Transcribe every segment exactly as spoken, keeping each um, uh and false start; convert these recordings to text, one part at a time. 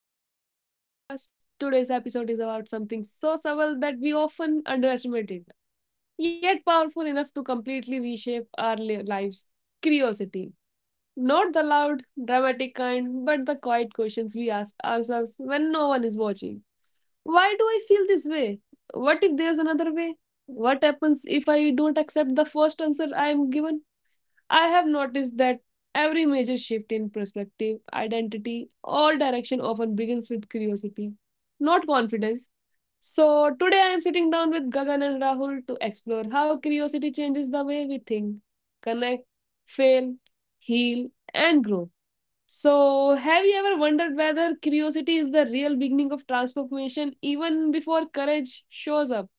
Welcome back to the podcast. Today's episode is about something so subtle that we often underestimate it, yet powerful enough to completely reshape our li- lives: curiosity. Not the loud, dramatic kind, but the quiet questions we ask ourselves when no one is watching. Why do I feel this way? What if there's another way? What happens if I don't accept the first answer I am given? I have noticed that every major shift in perspective, identity, or direction often begins with curiosity, not confidence. So, today I am sitting down with Gagan and Rahul to explore how curiosity changes the way we think, connect, fail, heal, and grow. So, have you ever wondered whether curiosity is the real beginning of transformation even before courage shows up?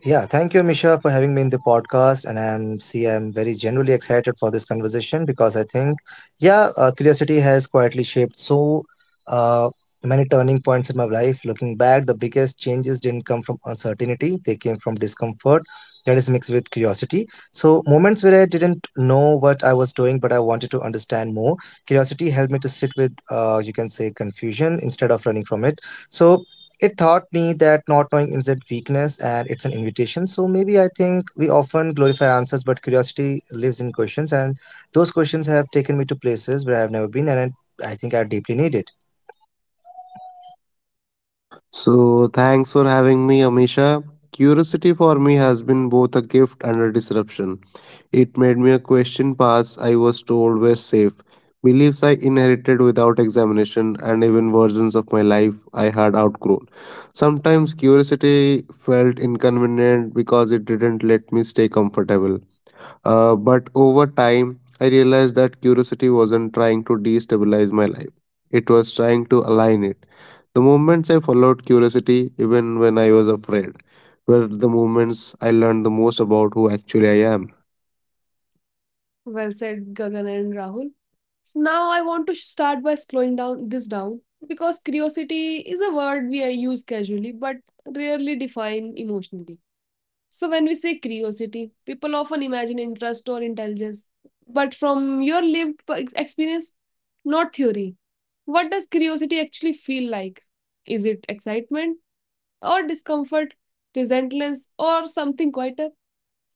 Yeah, thank you, Misha, for having me in the podcast. And I'm see, I'm very genuinely excited for this conversation because I think, yeah, uh, curiosity has quietly shaped so uh, many turning points in my life. Looking back, the biggest changes didn't come from uncertainty; they came from discomfort that is mixed with curiosity. So moments where I didn't know what I was doing, but I wanted to understand more. Curiosity helped me to sit with, uh, you can say, confusion instead of running from it. So it taught me that not knowing isn't weakness and it's an invitation. So maybe I think we often glorify answers, but curiosity lives in questions, and those questions have taken me to places where I've never been, and I I think I deeply need it. So, thanks for having me, Amisha. Curiosity for me has been both a gift and a disruption. It made me a question paths I was told were safe, beliefs I inherited without examination, and even versions of my life I had outgrown. Sometimes curiosity felt inconvenient because it didn't let me stay comfortable. Uh, but over time, I realized that curiosity wasn't trying to destabilize my life, it was trying to align it. The moments I followed curiosity, even when I was afraid, were the moments I learned the most about who actually I am. Well said, Gagan and Rahul. So now I want to start by slowing down this down because curiosity is a word we uh, use casually but rarely define emotionally. So when we say curiosity, people often imagine interest or intelligence. But from your lived p- ex- experience, not theory, what does curiosity actually feel like? Is it excitement or discomfort, resentment or something quieter?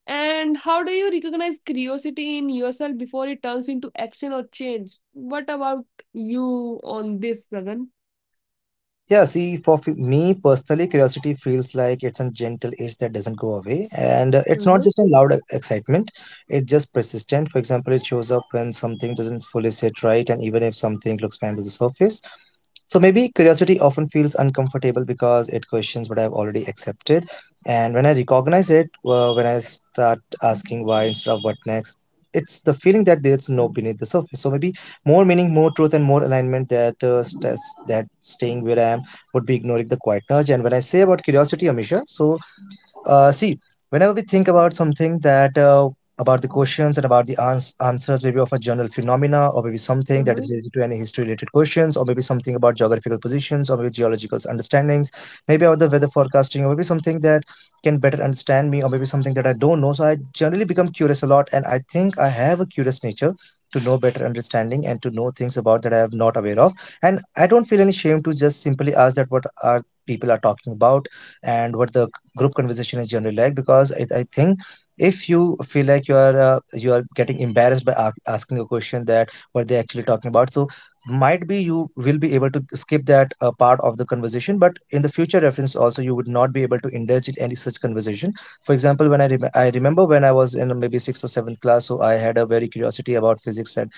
And how do you recognize curiosity in yourself before it turns into action or change? What about you on this, Gagan? Yeah, see, for f- me personally, curiosity feels like it's a gentle itch that doesn't go away. And uh, it's not Mm-hmm, just a loud e- excitement, it's just persistent. For example, it shows up when something doesn't fully sit right, and even if something looks fine to the surface. So maybe curiosity often feels uncomfortable because it questions what I've already accepted. And when I recognize it, uh, when I start asking why instead of what next, it's the feeling that there's no beneath the surface. So maybe more meaning, more truth, and more alignment that uh, stress, that staying where I am would be ignoring the quiet nudge. And when I say about curiosity, Amisha, so uh, see, whenever we think about something that uh, about the questions and about the ans- answers, maybe of a general phenomena, or maybe something that mm-hmm, is related to any history-related questions, or maybe something about geographical positions, or maybe geological understandings, maybe about the weather forecasting, or maybe something that can better understand me, or maybe something that I don't know. So I generally become curious a lot, and I think I have a curious nature to know better understanding and to know things about that I am not aware of. And I don't feel any shame to just simply ask that what are people are talking about and what the group conversation is generally like, because I, I think if you feel like you are uh, you are getting embarrassed by a- asking a question that what they actually talking about, so might be you will be able to skip that uh, part of the conversation. But in the future reference also, you would not be able to indulge in any such conversation. For example, when I rem I remember when I was in maybe sixth or seventh class, so I had a very curiosity about physics and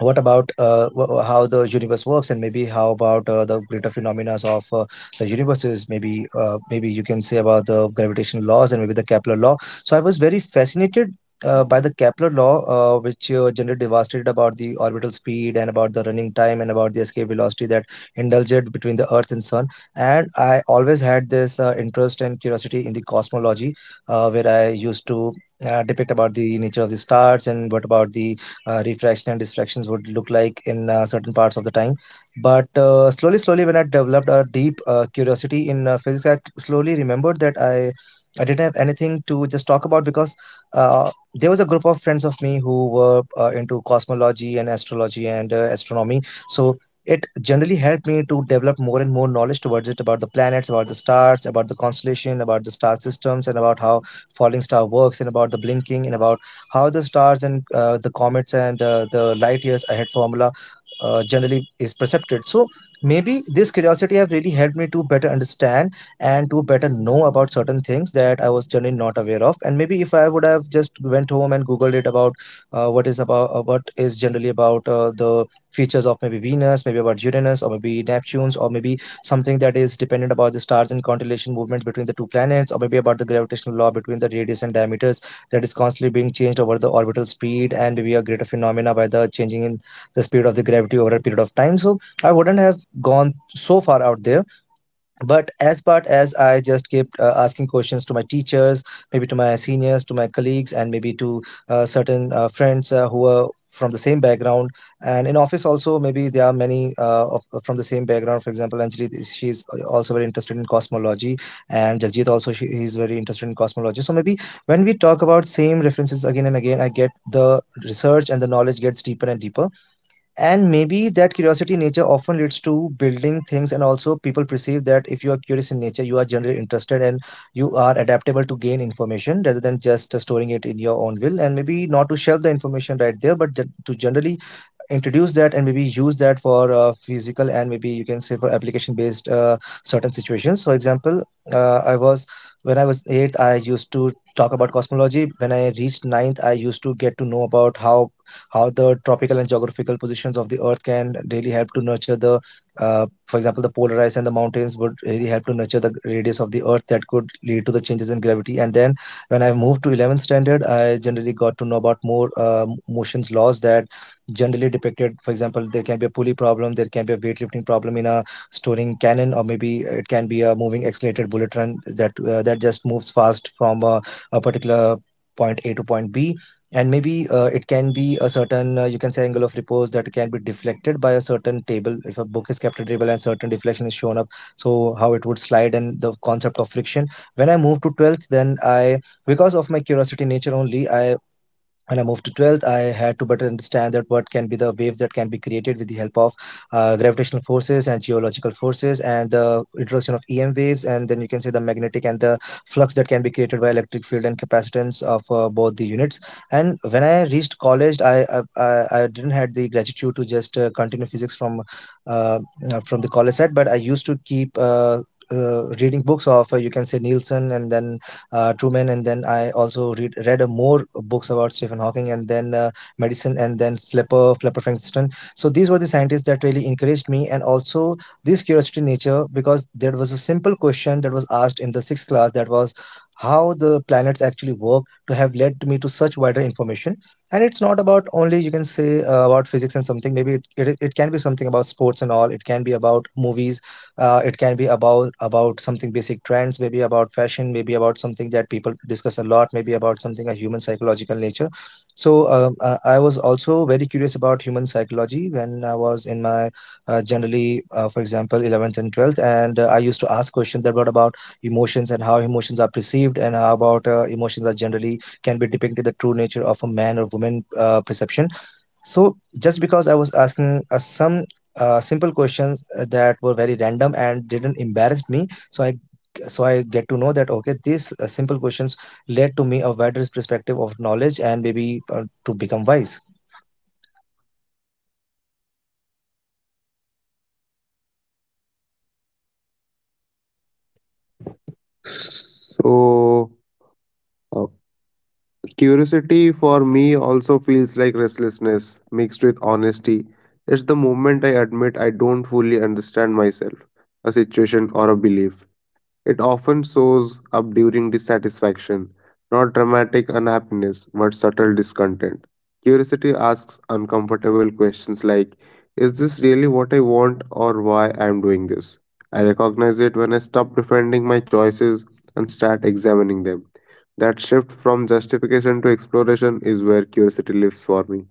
what about uh, wh- how the universe works, and maybe how about uh, the greater phenomena of uh, the universes, maybe uh, maybe you can say about the gravitational laws and maybe the Kepler law. So I was very fascinated uh, by the Kepler law, uh, which uh, generally devastated about the orbital speed and about the running time and about the escape velocity that indulged between the earth and sun. And I always had this uh, interest and curiosity in the cosmology, uh, where I used to uh, depict about the nature of the stars, and what about the uh, refraction and distractions would look like in uh, certain parts of the time. But uh, slowly, slowly, when I developed a deep uh, curiosity in uh, physics, I slowly remembered that I I didn't have anything to just talk about, because uh, there was a group of friends of me who were uh, into cosmology and astrology and uh, astronomy. So it generally helped me to develop more and more knowledge towards it, about the planets, about the stars, about the constellation, about the star systems, and about how falling star works, and about the blinking, and about how the stars and uh, the comets and uh, the light years ahead formula uh, generally is percepted. So maybe this curiosity have really helped me to better understand and to better know about certain things that I was generally not aware of. And maybe if I would have just went home and googled it about uh, what is about uh, what is generally about uh, the features of maybe Venus, maybe about Uranus, or maybe Neptune's, or maybe something that is dependent about the stars and constellation movement between the two planets, or maybe about the gravitational law between the radius and diameters that is constantly being changed over the orbital speed and we are greater phenomena by the changing in the speed of the gravity over a period of time, so I wouldn't have gone so far out there. But as part as I just kept uh, asking questions to my teachers, maybe to my seniors, to my colleagues, and maybe to uh, certain uh, friends uh, who are from the same background. And in office also, maybe there are many uh, of, from the same background. For example, Anjali is- she's also very interested in cosmology, and Jagjit also, she, he's very interested in cosmology. So maybe when we talk about same references again and again, I get the research and the knowledge gets deeper and deeper. And maybe that curiosity in nature often leads to building things, and also people perceive that if you are curious in nature, you are generally interested, and you are adaptable to gain information rather than just uh, storing it in your own will. And maybe not to shelve the information right there, but gen- to generally introduce that and maybe use that for uh, physical and maybe you can say for application based uh, certain situations. For example, uh, I was when I was eight, I used to talk about cosmology. When I reached ninth, I used to get to know about how how the tropical and geographical positions of the earth can really help to nurture the, uh, for example, the polar ice and the mountains would really help to nurture the radius of the earth that could lead to the changes in gravity. And then when I moved to eleventh standard, I generally got to know about more uh, motions laws that generally depicted. For example, there can be a pulley problem, there can be a weightlifting problem in a storing cannon, or maybe it can be a moving accelerated bullet run that uh, that just moves fast from a, a particular point A to point B. And maybe uh, it can be a certain, uh, you can say, angle of repose that can be deflected by a certain table if a book is kept at a table and certain deflection is shown up, so how it would slide, and the concept of friction. When I moved to twelfth, then I, because of my curiosity nature only, i when I moved to twelfth, I had to better understand that what can be the waves that can be created with the help of uh, gravitational forces and geological forces, and the introduction of E M waves. And then you can say the magnetic and the flux that can be created by electric field and capacitance of uh, both the units. And when I reached college, I I, I I didn't had the gratitude to just uh, continue physics from uh, uh, from the college side, but I used to keep. Uh, uh, reading books of, uh, you can say, Nielsen, and then uh, Truman, and then I also read read uh, more books about Stephen Hawking, and then uh, Medicine, and then Flipper Flipper Frankston. So these were the scientists that really encouraged me, and also this curiosity nature, because there was a simple question that was asked in the sixth class that was how the planets actually work, to have led me to such wider information. And it's not about only, you can say, uh, about physics and something. Maybe it, it, it can be something about sports and all, it can be about movies, uh, it can be about about something basic trends, maybe about fashion, maybe about something that people discuss a lot, maybe about something a human psychological nature. So um, uh, I was also very curious about human psychology when I was in my, uh, generally, uh, for example eleventh and twelfth, and uh, I used to ask questions that what about emotions, and how emotions are perceived, and how about uh, emotions are generally can be depicted the true nature of a man or woman uh, perception. So just because I was asking uh, some uh, simple questions uh, that were very random and didn't embarrass me, so i so i get to know that okay these uh, simple questions led to me a wider perspective of knowledge, and maybe uh, to become wise. So, uh, Curiosity for me also feels like restlessness mixed with honesty. It's the moment I admit I don't fully understand myself, a situation, or a belief. It often shows up during dissatisfaction, not dramatic unhappiness, but subtle discontent. Curiosity asks uncomfortable questions like, is this really what I want, or why I am doing this? I recognize it when I stop defending my choices and start examining them. That shift from justification to exploration is where curiosity lives for me.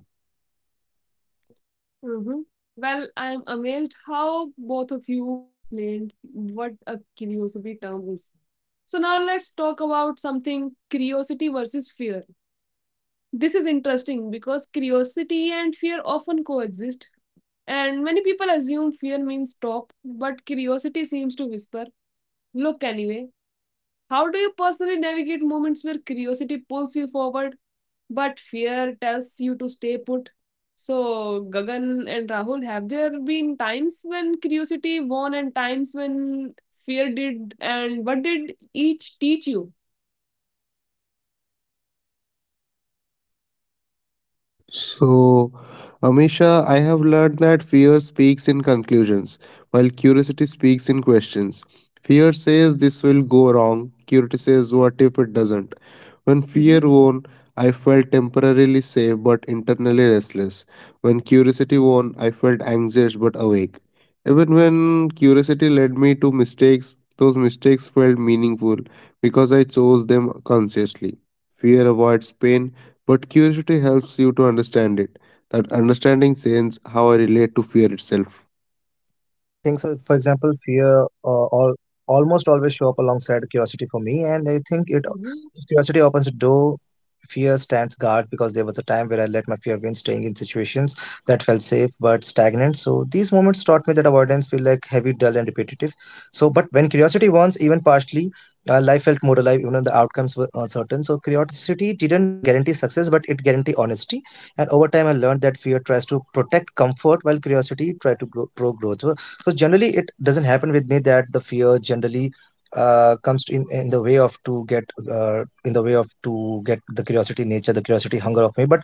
mm-hmm. Well, I'm amazed how both of you explained what a curiosity term is. So now let's talk about something: curiosity versus fear. This is interesting because curiosity and fear often coexist, and many people assume fear means stop, but curiosity seems to whisper, look anyway. How do you personally navigate moments where curiosity pulls you forward but fear tells you to stay put? So, Gagan and Rahul, have there been times when curiosity won and times when fear did? And what did each teach you? So, Amisha, I have learned that fear speaks in conclusions, while curiosity speaks in questions. Fear says this will go wrong, curiosity says what if it doesn't. When fear Mm-hmm. won, I felt temporarily safe but internally restless. When curiosity won, I felt anxious but awake. Even when curiosity led me to mistakes, those mistakes felt meaningful because I chose them consciously. Fear avoids pain, but curiosity helps you to understand it. That understanding changes how I relate to fear itself. Yeah, I think so. For example, fear, uh, all, almost always show up alongside curiosity for me, and I think it Mm-hmm. if curiosity opens a door. Fear stands guard because there was a time where I let my fear win, staying in situations that felt safe but stagnant. So these moments taught me that avoidance feel like heavy, dull, and repetitive. So, but when curiosity wants, even partially, uh, life felt more alive, even though the outcomes were uncertain. So curiosity didn't guarantee success, but it guaranteed honesty. And over time, I learned that fear tries to protect comfort while curiosity tries to grow, pro growth. So, so generally it doesn't happen with me that the fear generally uh, comes in in the way of to get, uh, in the way of to get the curiosity nature the curiosity hunger of me, but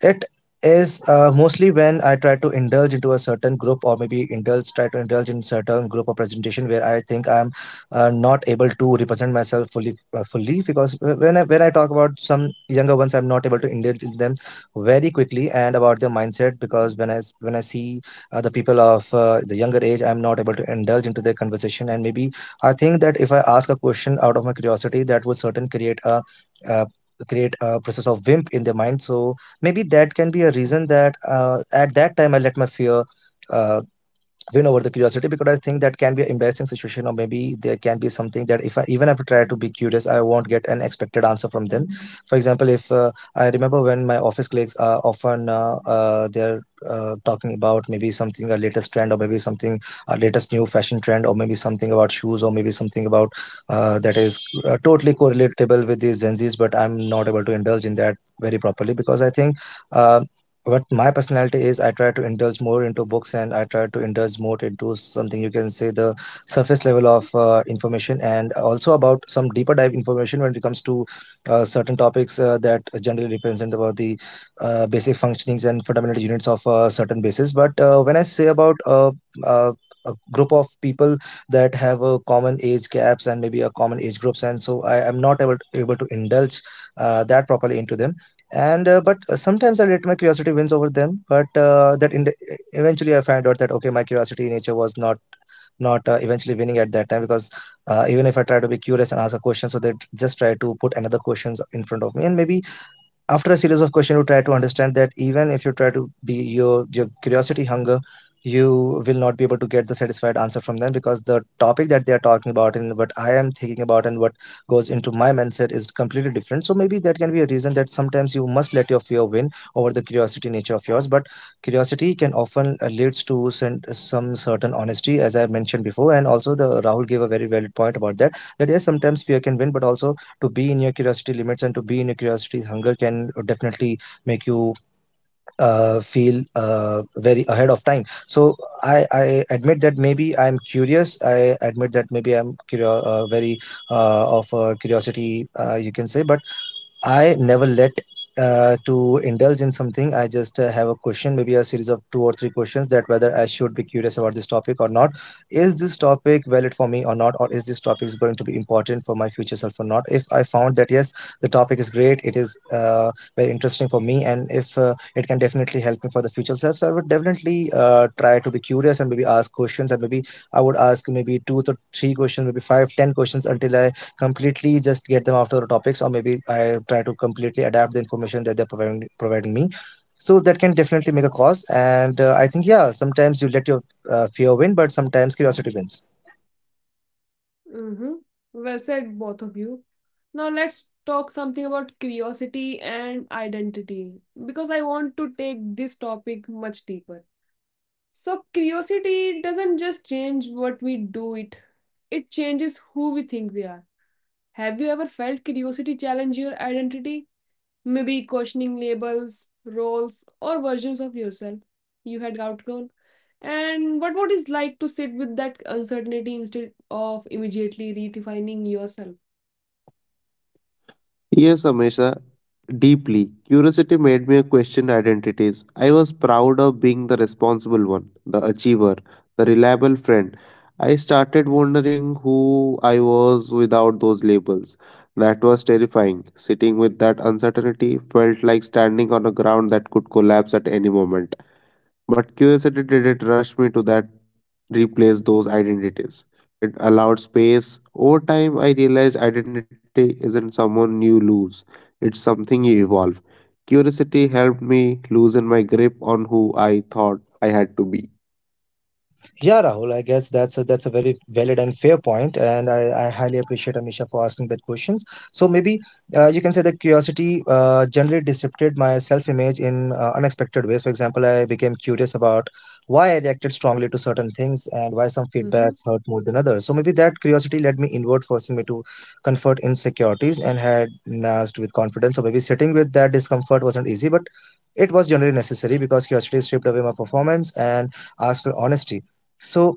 it is uh, mostly when I try to indulge into a certain group, or maybe indulge try to indulge in certain group or presentation, where I think I'm uh, not able to represent myself fully uh, fully, because when I, when I talk about some younger ones, I'm not able to indulge in them very quickly, and about their mindset, because when I s- when I see uh, the people of uh, the younger age, I'm not able to indulge into their conversation. And maybe I think that if I ask a question out of my curiosity, that would certain create a uh, create a process of wimp in their mind. So maybe that can be a reason that uh, at that time I let my fear uh, win over the curiosity, because I think that can be an embarrassing situation, or maybe there can be something that, if I even if I try to be curious, I won't get an expected answer from them. For example, if uh, I remember when my office colleagues are often, uh, uh, they're uh, talking about maybe something a latest trend, or maybe something a latest new fashion trend, or maybe something about shoes, or maybe something about, uh, that is uh, totally correlatable with these Gen Zs, but I'm not able to indulge in that very properly because I think, uh, but my personality is, I try to indulge more into books, and I try to indulge more into something you can say the surface level of uh, information, and also about some deeper dive information when it comes to uh, certain topics uh, that generally represent about the uh, basic functionings and fundamental units of a certain basis. But uh, when I say about uh, uh, a group of people that have a common age gaps, and maybe a common age groups, and so I am not able able to indulge uh, that properly into them. And uh, but uh, sometimes I let my curiosity wins over them, but uh, that in the, eventually I find out that okay, my curiosity in nature was not not uh, eventually winning at that time, because uh, even if I try to be curious and ask a question, so they just try to put another questions in front of me, and maybe after a series of questions, you try to understand that even if you try to be your your curiosity hunger, you will not be able to get the satisfied answer from them, because the topic that they are talking about, and what I am thinking about, and what goes into my mindset, is completely different. So maybe that can be a reason that sometimes you must let your fear win over the curiosity nature of yours, but curiosity can often uh, leads to sen- some certain honesty, as I mentioned before. And also, the Rahul gave a very valid point about that, that yes, sometimes fear can win, but also to be in your curiosity limits and to be in your curiosity's hunger can definitely make you uh, feel uh, very ahead of time. So I, I admit that maybe I'm curious, I admit that maybe I'm curio- uh, very uh, of uh, curiosity, uh, you can say, but I never let uh, to indulge in something. I just uh, have a question, maybe a series of two or three questions, that whether I should be curious about this topic or not. Is this topic valid for me or not, or is this topic is going to be important for my future self or not? If I found that yes, the topic is great, it is uh, very interesting for me, and if uh, it can definitely help me for the future self, so I would definitely uh, try to be curious and maybe ask questions, and maybe I would ask maybe two to three questions, maybe five, ten questions, until I completely just get them after the topics, or maybe I try to completely adapt the information that they're providing, providing me. So that can definitely make a cause, and uh, I think yeah, sometimes you let your uh, fear win, but sometimes curiosity wins. Mm-hmm. Well said, both of you. Now, let's talk something about curiosity and identity because I want to take this topic much deeper. So curiosity doesn't just change what we do it. It changes who we think we are. Have you ever felt curiosity challenge your identity? Maybe questioning labels, roles, or versions of yourself you had outgrown. And what would it like to sit with that uncertainty instead of immediately redefining yourself? Yes, Amesha, deeply. Curiosity made me question identities. I was proud of being the responsible one, the achiever, the reliable friend. I started wondering who I was without those labels. That was terrifying. Sitting with that uncertainty felt like standing on a ground that could collapse at any moment. But curiosity didn't rush me to that replace those identities. It allowed space. Over time, I realized identity isn't someone you lose, it's something you evolve. Curiosity helped me loosen my grip on who I thought I had to be. Yeah, Rahul, I guess that's a, that's a very valid and fair point, and I, I highly appreciate Amisha for asking that questions. So maybe uh, you can say that curiosity uh, generally disrupted my self-image in uh, unexpected ways. For example, I became curious about why I reacted strongly to certain things, and why some Mhm. feedbacks hurt more than others. So maybe that curiosity led me inward, forcing me to confront insecurities and had masked with confidence. So maybe sitting with that discomfort wasn't easy, but it was generally necessary, because curiosity stripped away my performance and asked for honesty. So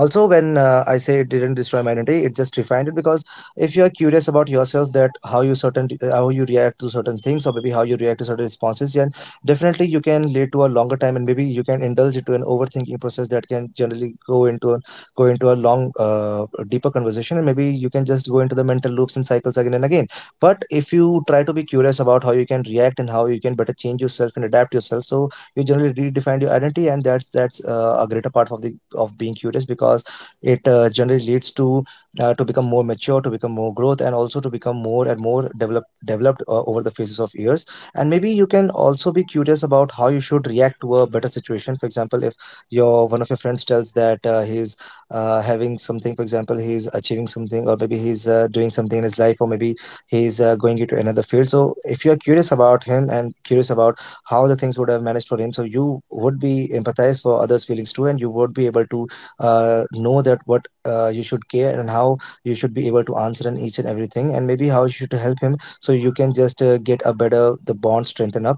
also, when uh, I say, it didn't destroy my identity, it just refined it, because if you are curious about yourself, that how you certain how you react to certain things, or maybe how you react to certain responses, then definitely you can lead to a longer time, and maybe you can indulge into an overthinking process that can generally go into a, go into a long uh, deeper conversation, and maybe you can just go into the mental loops and cycles again and again. But if you try to be curious about how you can react, and how you can better change yourself and adapt yourself, so you generally redefine your identity, and that's that's uh, a greater part of the of being curious, because it uh, generally leads to uh, to become more mature, to become more growth, and also to become more and more developed developed uh, over the phases of years. And maybe you can also be curious about how you should react to a better situation. For example, if your one of your friends tells that uh, he's uh, having something, for example he's achieving something, or maybe he's uh, doing something in his life, or maybe he's uh, going into another field, so if you are curious about him and curious about how the things would have managed for him, so you would be empathize for others feelings too, and you would be able to uh, know that what uh, you should care and how you should be able to answer in each and everything, and maybe how you should help him, so you can just uh, get a better the bond strengthen up.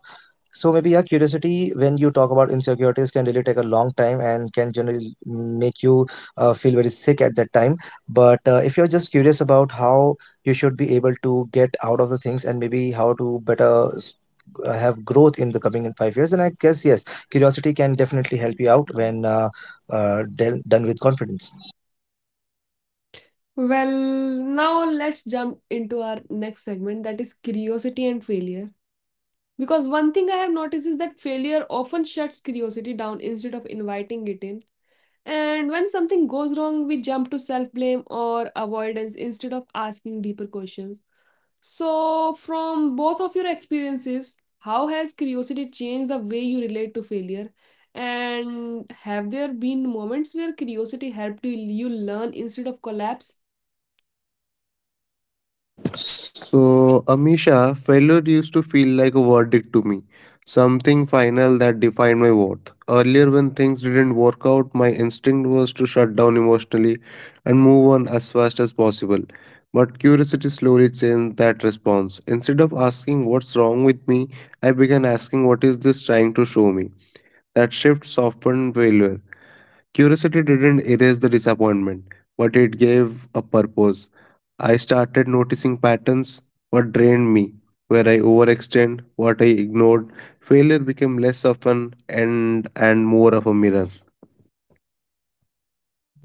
So maybe yeah, curiosity when you talk about insecurities can really take a long time, and can generally make you uh, feel very sick at that time. But uh, if you're just curious about how you should be able to get out of the things, and maybe how to better s- uh, have growth in the coming in five years, then I guess yes, curiosity can definitely help you out when, uh, uh, del- done with confidence. Well, now let's jump into our next segment, that is curiosity and failure. Because one thing I have noticed is that failure often shuts curiosity down instead of inviting it in. And when something goes wrong, we jump to self blame or avoidance instead of asking deeper questions. So, from both of your experiences, how has curiosity changed the way you relate to failure? And have there been moments where curiosity helped you you learn instead of collapse? So, Amisha, failure used to feel like a verdict to me, something final that defined my worth. Earlier, when things didn't work out, my instinct was to shut down emotionally and move on as fast as possible. But curiosity slowly changed that response. Instead of asking what's wrong with me, I began asking what is this trying to show me. That shift softened failure. Curiosity didn't erase the disappointment, but it gave a purpose. I started noticing patterns, what drained me, where I overextend, what I ignored. Failure became less often and and more of a mirror.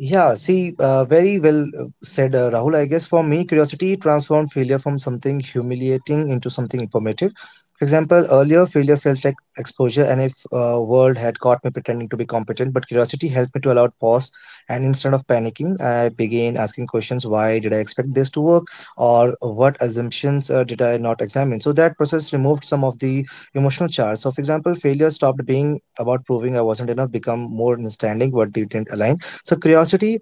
Yeah, see, uh, very well uh, said, uh, Rahul. I guess for me, curiosity transformed failure from something humiliating into something informative. For example, earlier failure felt like exposure, and if uh, world had caught me pretending to be competent, but curiosity helped me to allow pause, and instead of panicking, I began asking questions: why did I expect this to work, or what assumptions uh, did I not examine? So that process removed some of the emotional charge. So, for example, failure stopped being about proving I wasn't enough, become more understanding what didn't align, so curiosity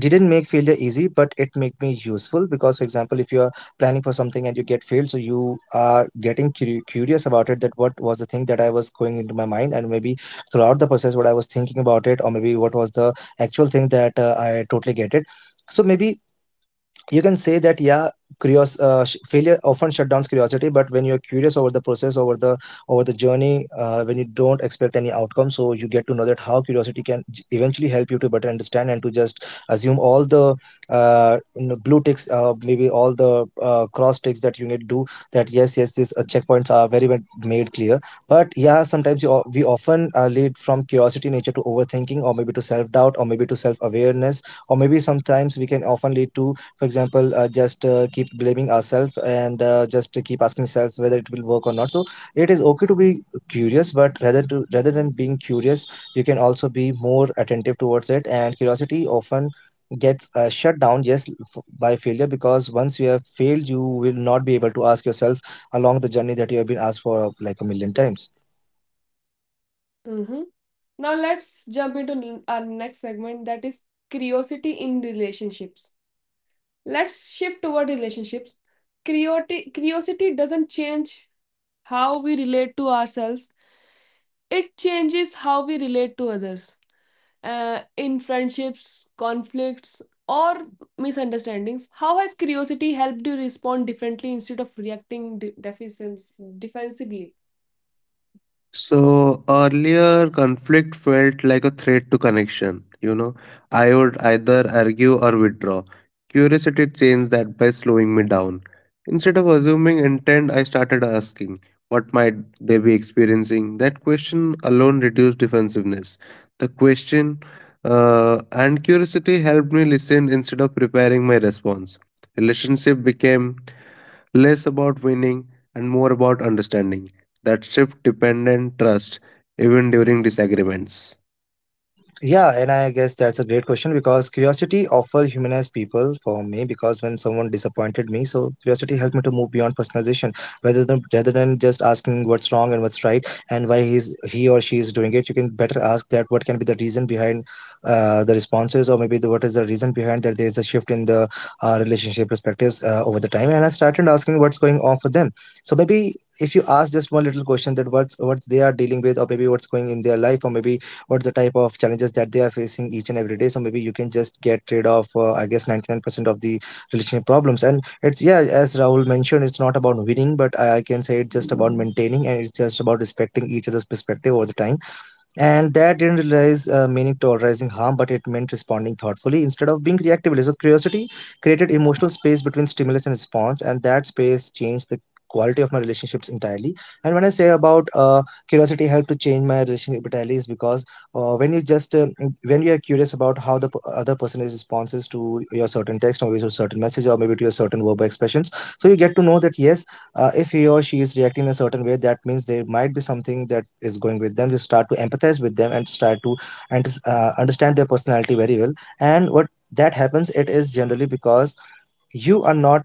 didn't make failure easy but it made me useful. Because, for example, if you are planning for something and you get failed, so you are getting curi- curious about it, that what was the thing that I was going into my mind, and maybe throughout the process what I was thinking about it, or maybe what was the actual thing that uh, I totally get it. So maybe you can say that, yeah, curious uh, sh- failure often shut down curiosity, but when you're curious over the process, over the over the journey, uh, when you don't expect any outcome, so you get to know that how curiosity can j- eventually help you to better understand and to just assume all the uh, you know, blue ticks, uh, maybe all the uh, cross ticks that you need to do, that yes yes these uh, checkpoints are very well made clear. But yeah, sometimes you, o- we often uh, lead from curiosity nature to overthinking, or maybe to self-doubt, or maybe to self-awareness, or maybe sometimes we can often lead to, for example, uh, just uh, keep blaming ourselves, and uh, just keep asking ourselves whether it will work or not. So it is okay to be curious, but rather to rather than being curious, you can also be more attentive towards it. And curiosity often gets uh, shut down, yes, f- by failure, because once you have failed you will not be able to ask yourself along the journey that you have been asked for like a million times. Mm-hmm. Now let's jump into n- our next segment, that is curiosity in relationships. Let's shift toward relationships. Curiosity, curiosity doesn't change how we relate to ourselves, it changes how we relate to others. Uh, in friendships, conflicts, or misunderstandings, how has curiosity helped you respond differently instead of reacting de- defensive- defensively? So earlier, conflict felt like a threat to connection. You know, I would either argue or withdraw. Curiosity changed that by slowing me down. Instead of assuming intent, I started asking, what might they be experiencing? That question alone reduced defensiveness. The question, uh, and curiosity helped me listen instead of preparing my response. Relationship became less about winning and more about understanding. That shift dependent trust even during disagreements. Yeah, and I guess that's a great question because curiosity often humanized people for me, because when someone disappointed me, so curiosity helped me to move beyond personalization, rather than rather than just asking what's wrong and what's right and why he's he or she is doing it. You can better ask that what can be the reason behind uh, the responses, or maybe the, what is the reason behind that there is a shift in the uh, relationship perspectives uh, over the time. And I started asking what's going on for them. So maybe if you ask just one little question, that what's what they are dealing with, or maybe what's going in their life, or maybe what's the type of challenges that they are facing each and every day, so maybe you can just get rid of uh, I guess ninety-nine percent of the relationship problems. And it's, yeah, as Rahul mentioned, it's not about winning, but i I can say it's just about maintaining, and it's just about respecting each other's perspective over the time. And that didn't realize uh, meaning tolerizing harm, but it meant responding thoughtfully instead of being reactively. So curiosity created emotional space between stimulus and response, and that space changed the quality of my relationships entirely. And when I say about uh, curiosity helped to change my relationship entirely is because uh, when you just uh, mm, when you are curious about how the p- other person is responses to your certain text, or your certain message, or maybe to your certain verbal expressions, so you get to know that, yes, uh, if he or she is reacting in a certain way, that means there might be something that is going with them. You start to empathize with them, and start to, and uh, understand their personality very well. And what that happens, it is generally because you are not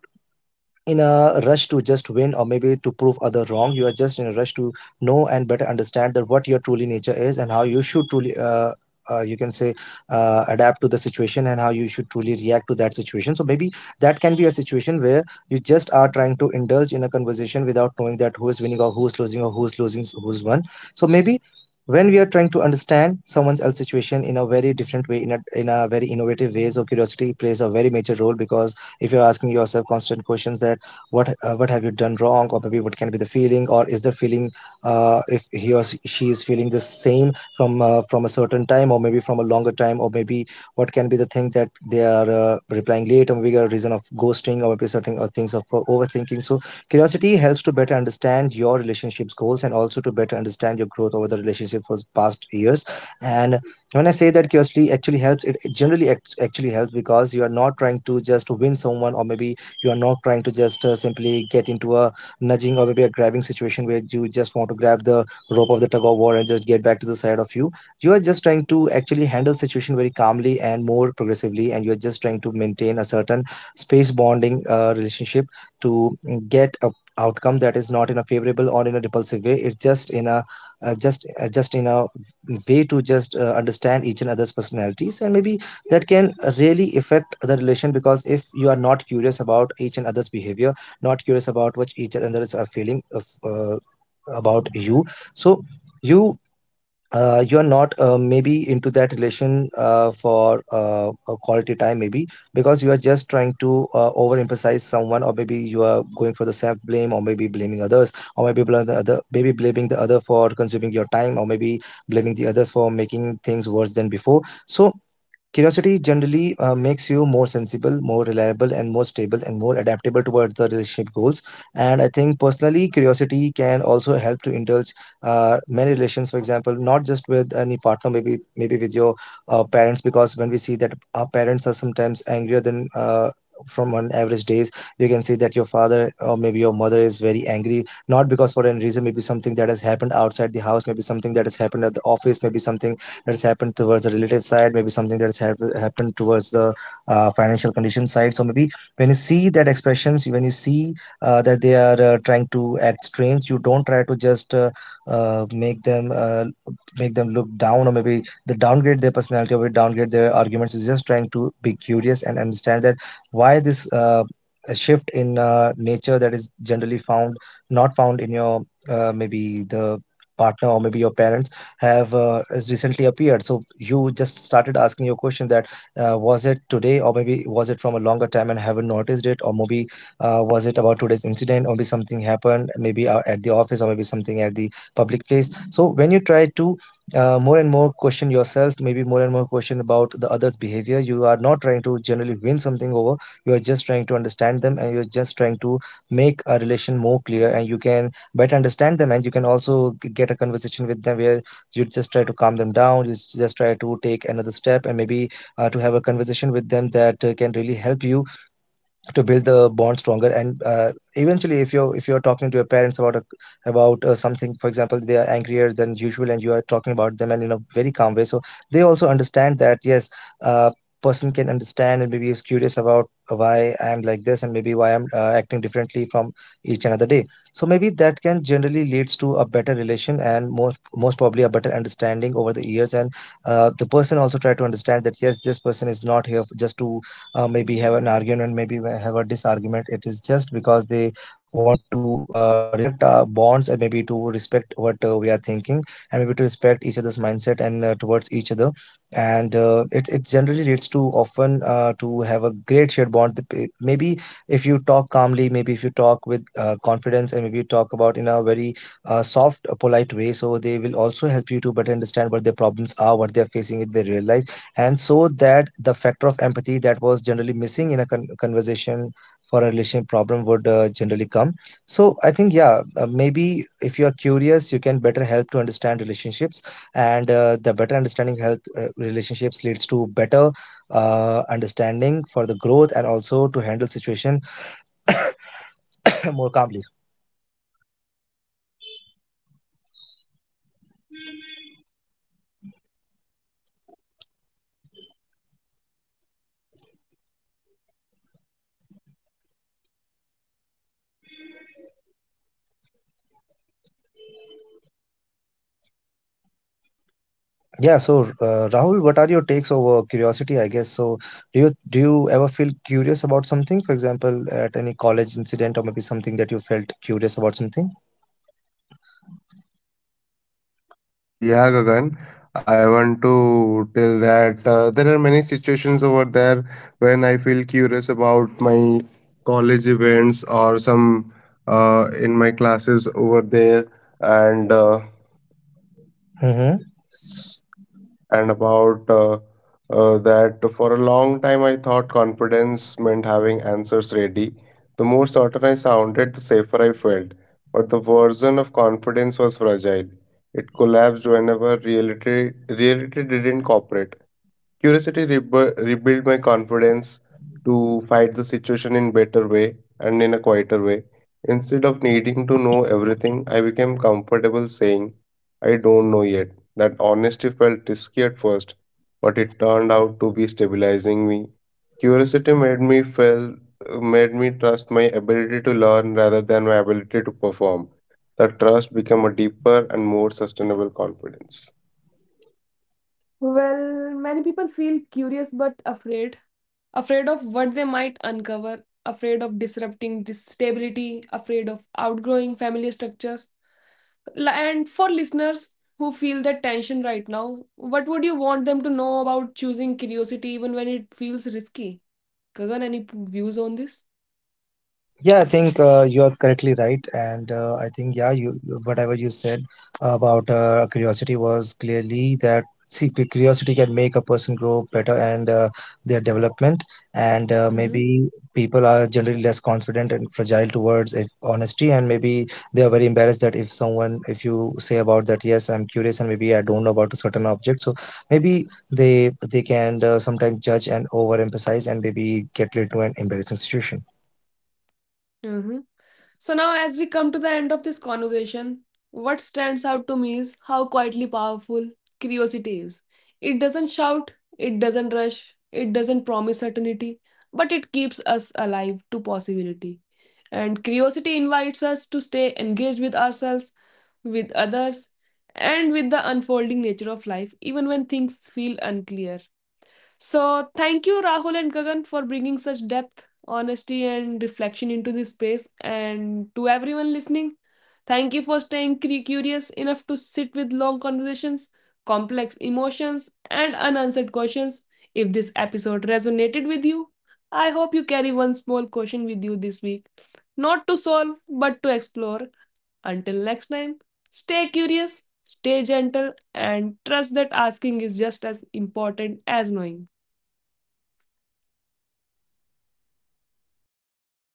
in a rush to just win, or maybe to prove other wrong. You are just in a rush to know and better understand that what your truly nature is, and how you should truly uh, uh, you can say uh, adapt to the situation, and how you should truly react to that situation. So maybe that can be a situation where you just are trying to indulge in a conversation without knowing that who is winning or who is losing, or who's losing who's won. So maybe when we are trying to understand someone else's situation in a very different way, in a, in a very innovative way, so curiosity plays a very major role. Because if you're asking yourself constant questions, that what uh, what have you done wrong, or maybe what can be the feeling, or is the feeling uh, if he or she is feeling the same from uh, from a certain time, or maybe from a longer time, or maybe what can be the thing that they are uh, replying late, or maybe a reason of ghosting, or maybe certain uh, things of uh, overthinking. So curiosity helps to better understand your relationships goals, and also to better understand your growth over the relationship for the past years. And when I say that curiosity actually helps, it it generally act- actually helps because you are not trying to just win someone, or maybe you are not trying to just uh, simply get into a nudging, or maybe a grabbing situation where you just want to grab the rope of the tug of war and just get back to the side of you. You are just trying to actually handle situation very calmly and more progressively, and you are just trying to maintain a certain space bonding uh, relationship to get a outcome that is not in a favorable or in a repulsive way. It's just in a, uh, just uh, just in a way to just uh, understand each and other's personalities. And maybe that can really affect the relation, because if you are not curious about each and other's behavior, not curious about what each and others are feeling of, uh, about you, so you uh, you're not uh, maybe into that relation uh, for uh, a quality time, maybe because you are just trying to uh, overemphasize someone, or maybe you are going for the self blame, or maybe blaming others, or maybe bl- the other maybe blaming the other for consuming your time, or maybe blaming the others for making things worse than before. So curiosity generally uh, makes you more sensible, more reliable, and more stable, and more adaptable towards the relationship goals. And I think personally, curiosity can also help to indulge uh, many relations. For example, not just with any partner, maybe maybe with your uh, parents, because when we see that our parents are sometimes angrier than. Uh, from on average days, you can see that your father or maybe your mother is very angry, not because for any reason, maybe something that has happened outside the house, maybe something that has happened at the office, maybe something that's happened towards the relative side, maybe something that's hap- happened towards the uh, financial condition side. So maybe when you see that expressions, when you see uh, that they are uh, trying to act strange, you don't try to just uh, uh, make them uh, make them look down, or maybe the downgrade their personality, or downgrade their arguments, is just trying to be curious and understand that why this uh, a shift in uh, nature that is generally found, not found in your, uh, maybe the partner or maybe your parents have uh, has recently appeared. So you just started asking your question that uh, was it today, or maybe was it from a longer time and haven't noticed it, or maybe uh, was it about today's incident, or maybe something happened, maybe uh, at the office, or maybe something at the public place. So when you try to uh, more and more question yourself, maybe more and more question about the other's behavior, you are not trying to generally win something over. You are just trying to understand them, and you are just trying to make a relation more clear, and you can better understand them, and you can also g- get a conversation with them, where you just try to calm them down, you just try to take another step. And maybe uh, to have a conversation with them that uh, can really help you to build the bond stronger. And uh, eventually, if you're if you're talking to your parents about a, about uh, something, for example they are angrier than usual, and you are talking about them and in a very calm way, so they also understand that, yes, uh, person can understand and maybe is curious about why I'm like this, and maybe why I'm uh, acting differently from each another day. So maybe that can generally leads to a better relation, and most most probably a better understanding over the years. And uh, the person also try to understand that, yes, this person is not here f- just to uh, maybe have an argument, maybe have a disargument. It is just because they want to uh, respect our bonds, and maybe to respect what uh, we are thinking, and maybe to respect each other's mindset, and uh, towards each other. And uh, it, it generally leads to often uh, to have a great shared bond. The eh, maybe if you talk calmly, maybe if you talk with uh, confidence, and maybe you talk about in a very uh, soft uh, polite way, so they will also help you to better understand what their problems are, what they are facing in their real life. And so that the factor of empathy that was generally missing in a con- conversation for a relationship problem would uh, generally come. So I think, yeah, uh, maybe if you are curious, you can better help to understand relationships. And uh, the better understanding health uh, relationships leads to better uh, understanding for the growth, and also to handle situation more calmly. Yeah, so uh, Rahul, what are your takes over curiosity, I guess? So do you do you ever feel curious about something, for example, at any college incident, or maybe something that you felt curious about something? Yeah, yeah, Gagan. I want to tell that uh, there are many situations over there when I feel curious about my college events or some uh, in my classes over there, and uh, Mm-hmm. and about uh, uh, that for a long time I thought confidence meant having answers ready. The more certain I sounded, the safer I felt. But the version of confidence was fragile. It collapsed whenever reality reality didn't cooperate. Curiosity rebu- rebuilt my confidence to fight the situation in better way and in a quieter way. Instead of needing to know everything, I became comfortable saying, I don't know yet. That honesty felt risky at first, but it turned out to be stabilizing me. Curiosity made me feel made me trust my ability to learn rather than my ability to perform. That trust became a deeper and more sustainable confidence. Well, many people feel curious but afraid. Afraid of what they might uncover, afraid of disrupting this stability, afraid of outgrowing family structures. L- And for listeners who feel that tension right now, what would you want them to know about choosing curiosity even it feels risky? Kagan, any p- views on this? Yeah, I think uh, you are correctly right, and uh, I think, yeah, you whatever you said about uh, curiosity was clearly that, see cu- curiosity can make a person grow better, and uh, their development, and uh, Mm-hmm. maybe people are generally less confident and fragile towards if honesty, and maybe they are very embarrassed that if someone, if you say about that, yes, I'm curious and maybe I don't know about a certain object, so maybe they they can uh, sometimes judge and overemphasize and maybe get led to an embarrassing situation. So now, as we come to the end of this conversation, what stands out to me is how quietly powerful curiosity is. It doesn't shout, it doesn't rush, it doesn't promise certainty, but it keeps us alive to possibility. And curiosity invites us to stay engaged with ourselves, with others, and with the unfolding nature of life, even when things feel unclear. So, thank you, Rahul and Gagan, for bringing such depth, honesty, and reflection into this space. And to everyone listening, thank you for staying cre- curious enough to sit with long conversations, complex emotions, and unanswered questions. If this episode resonated with you, I hope you carry one small question with you this week. Not to solve, but to explore. Until next time, stay curious, stay gentle, and trust that asking is just as important as knowing.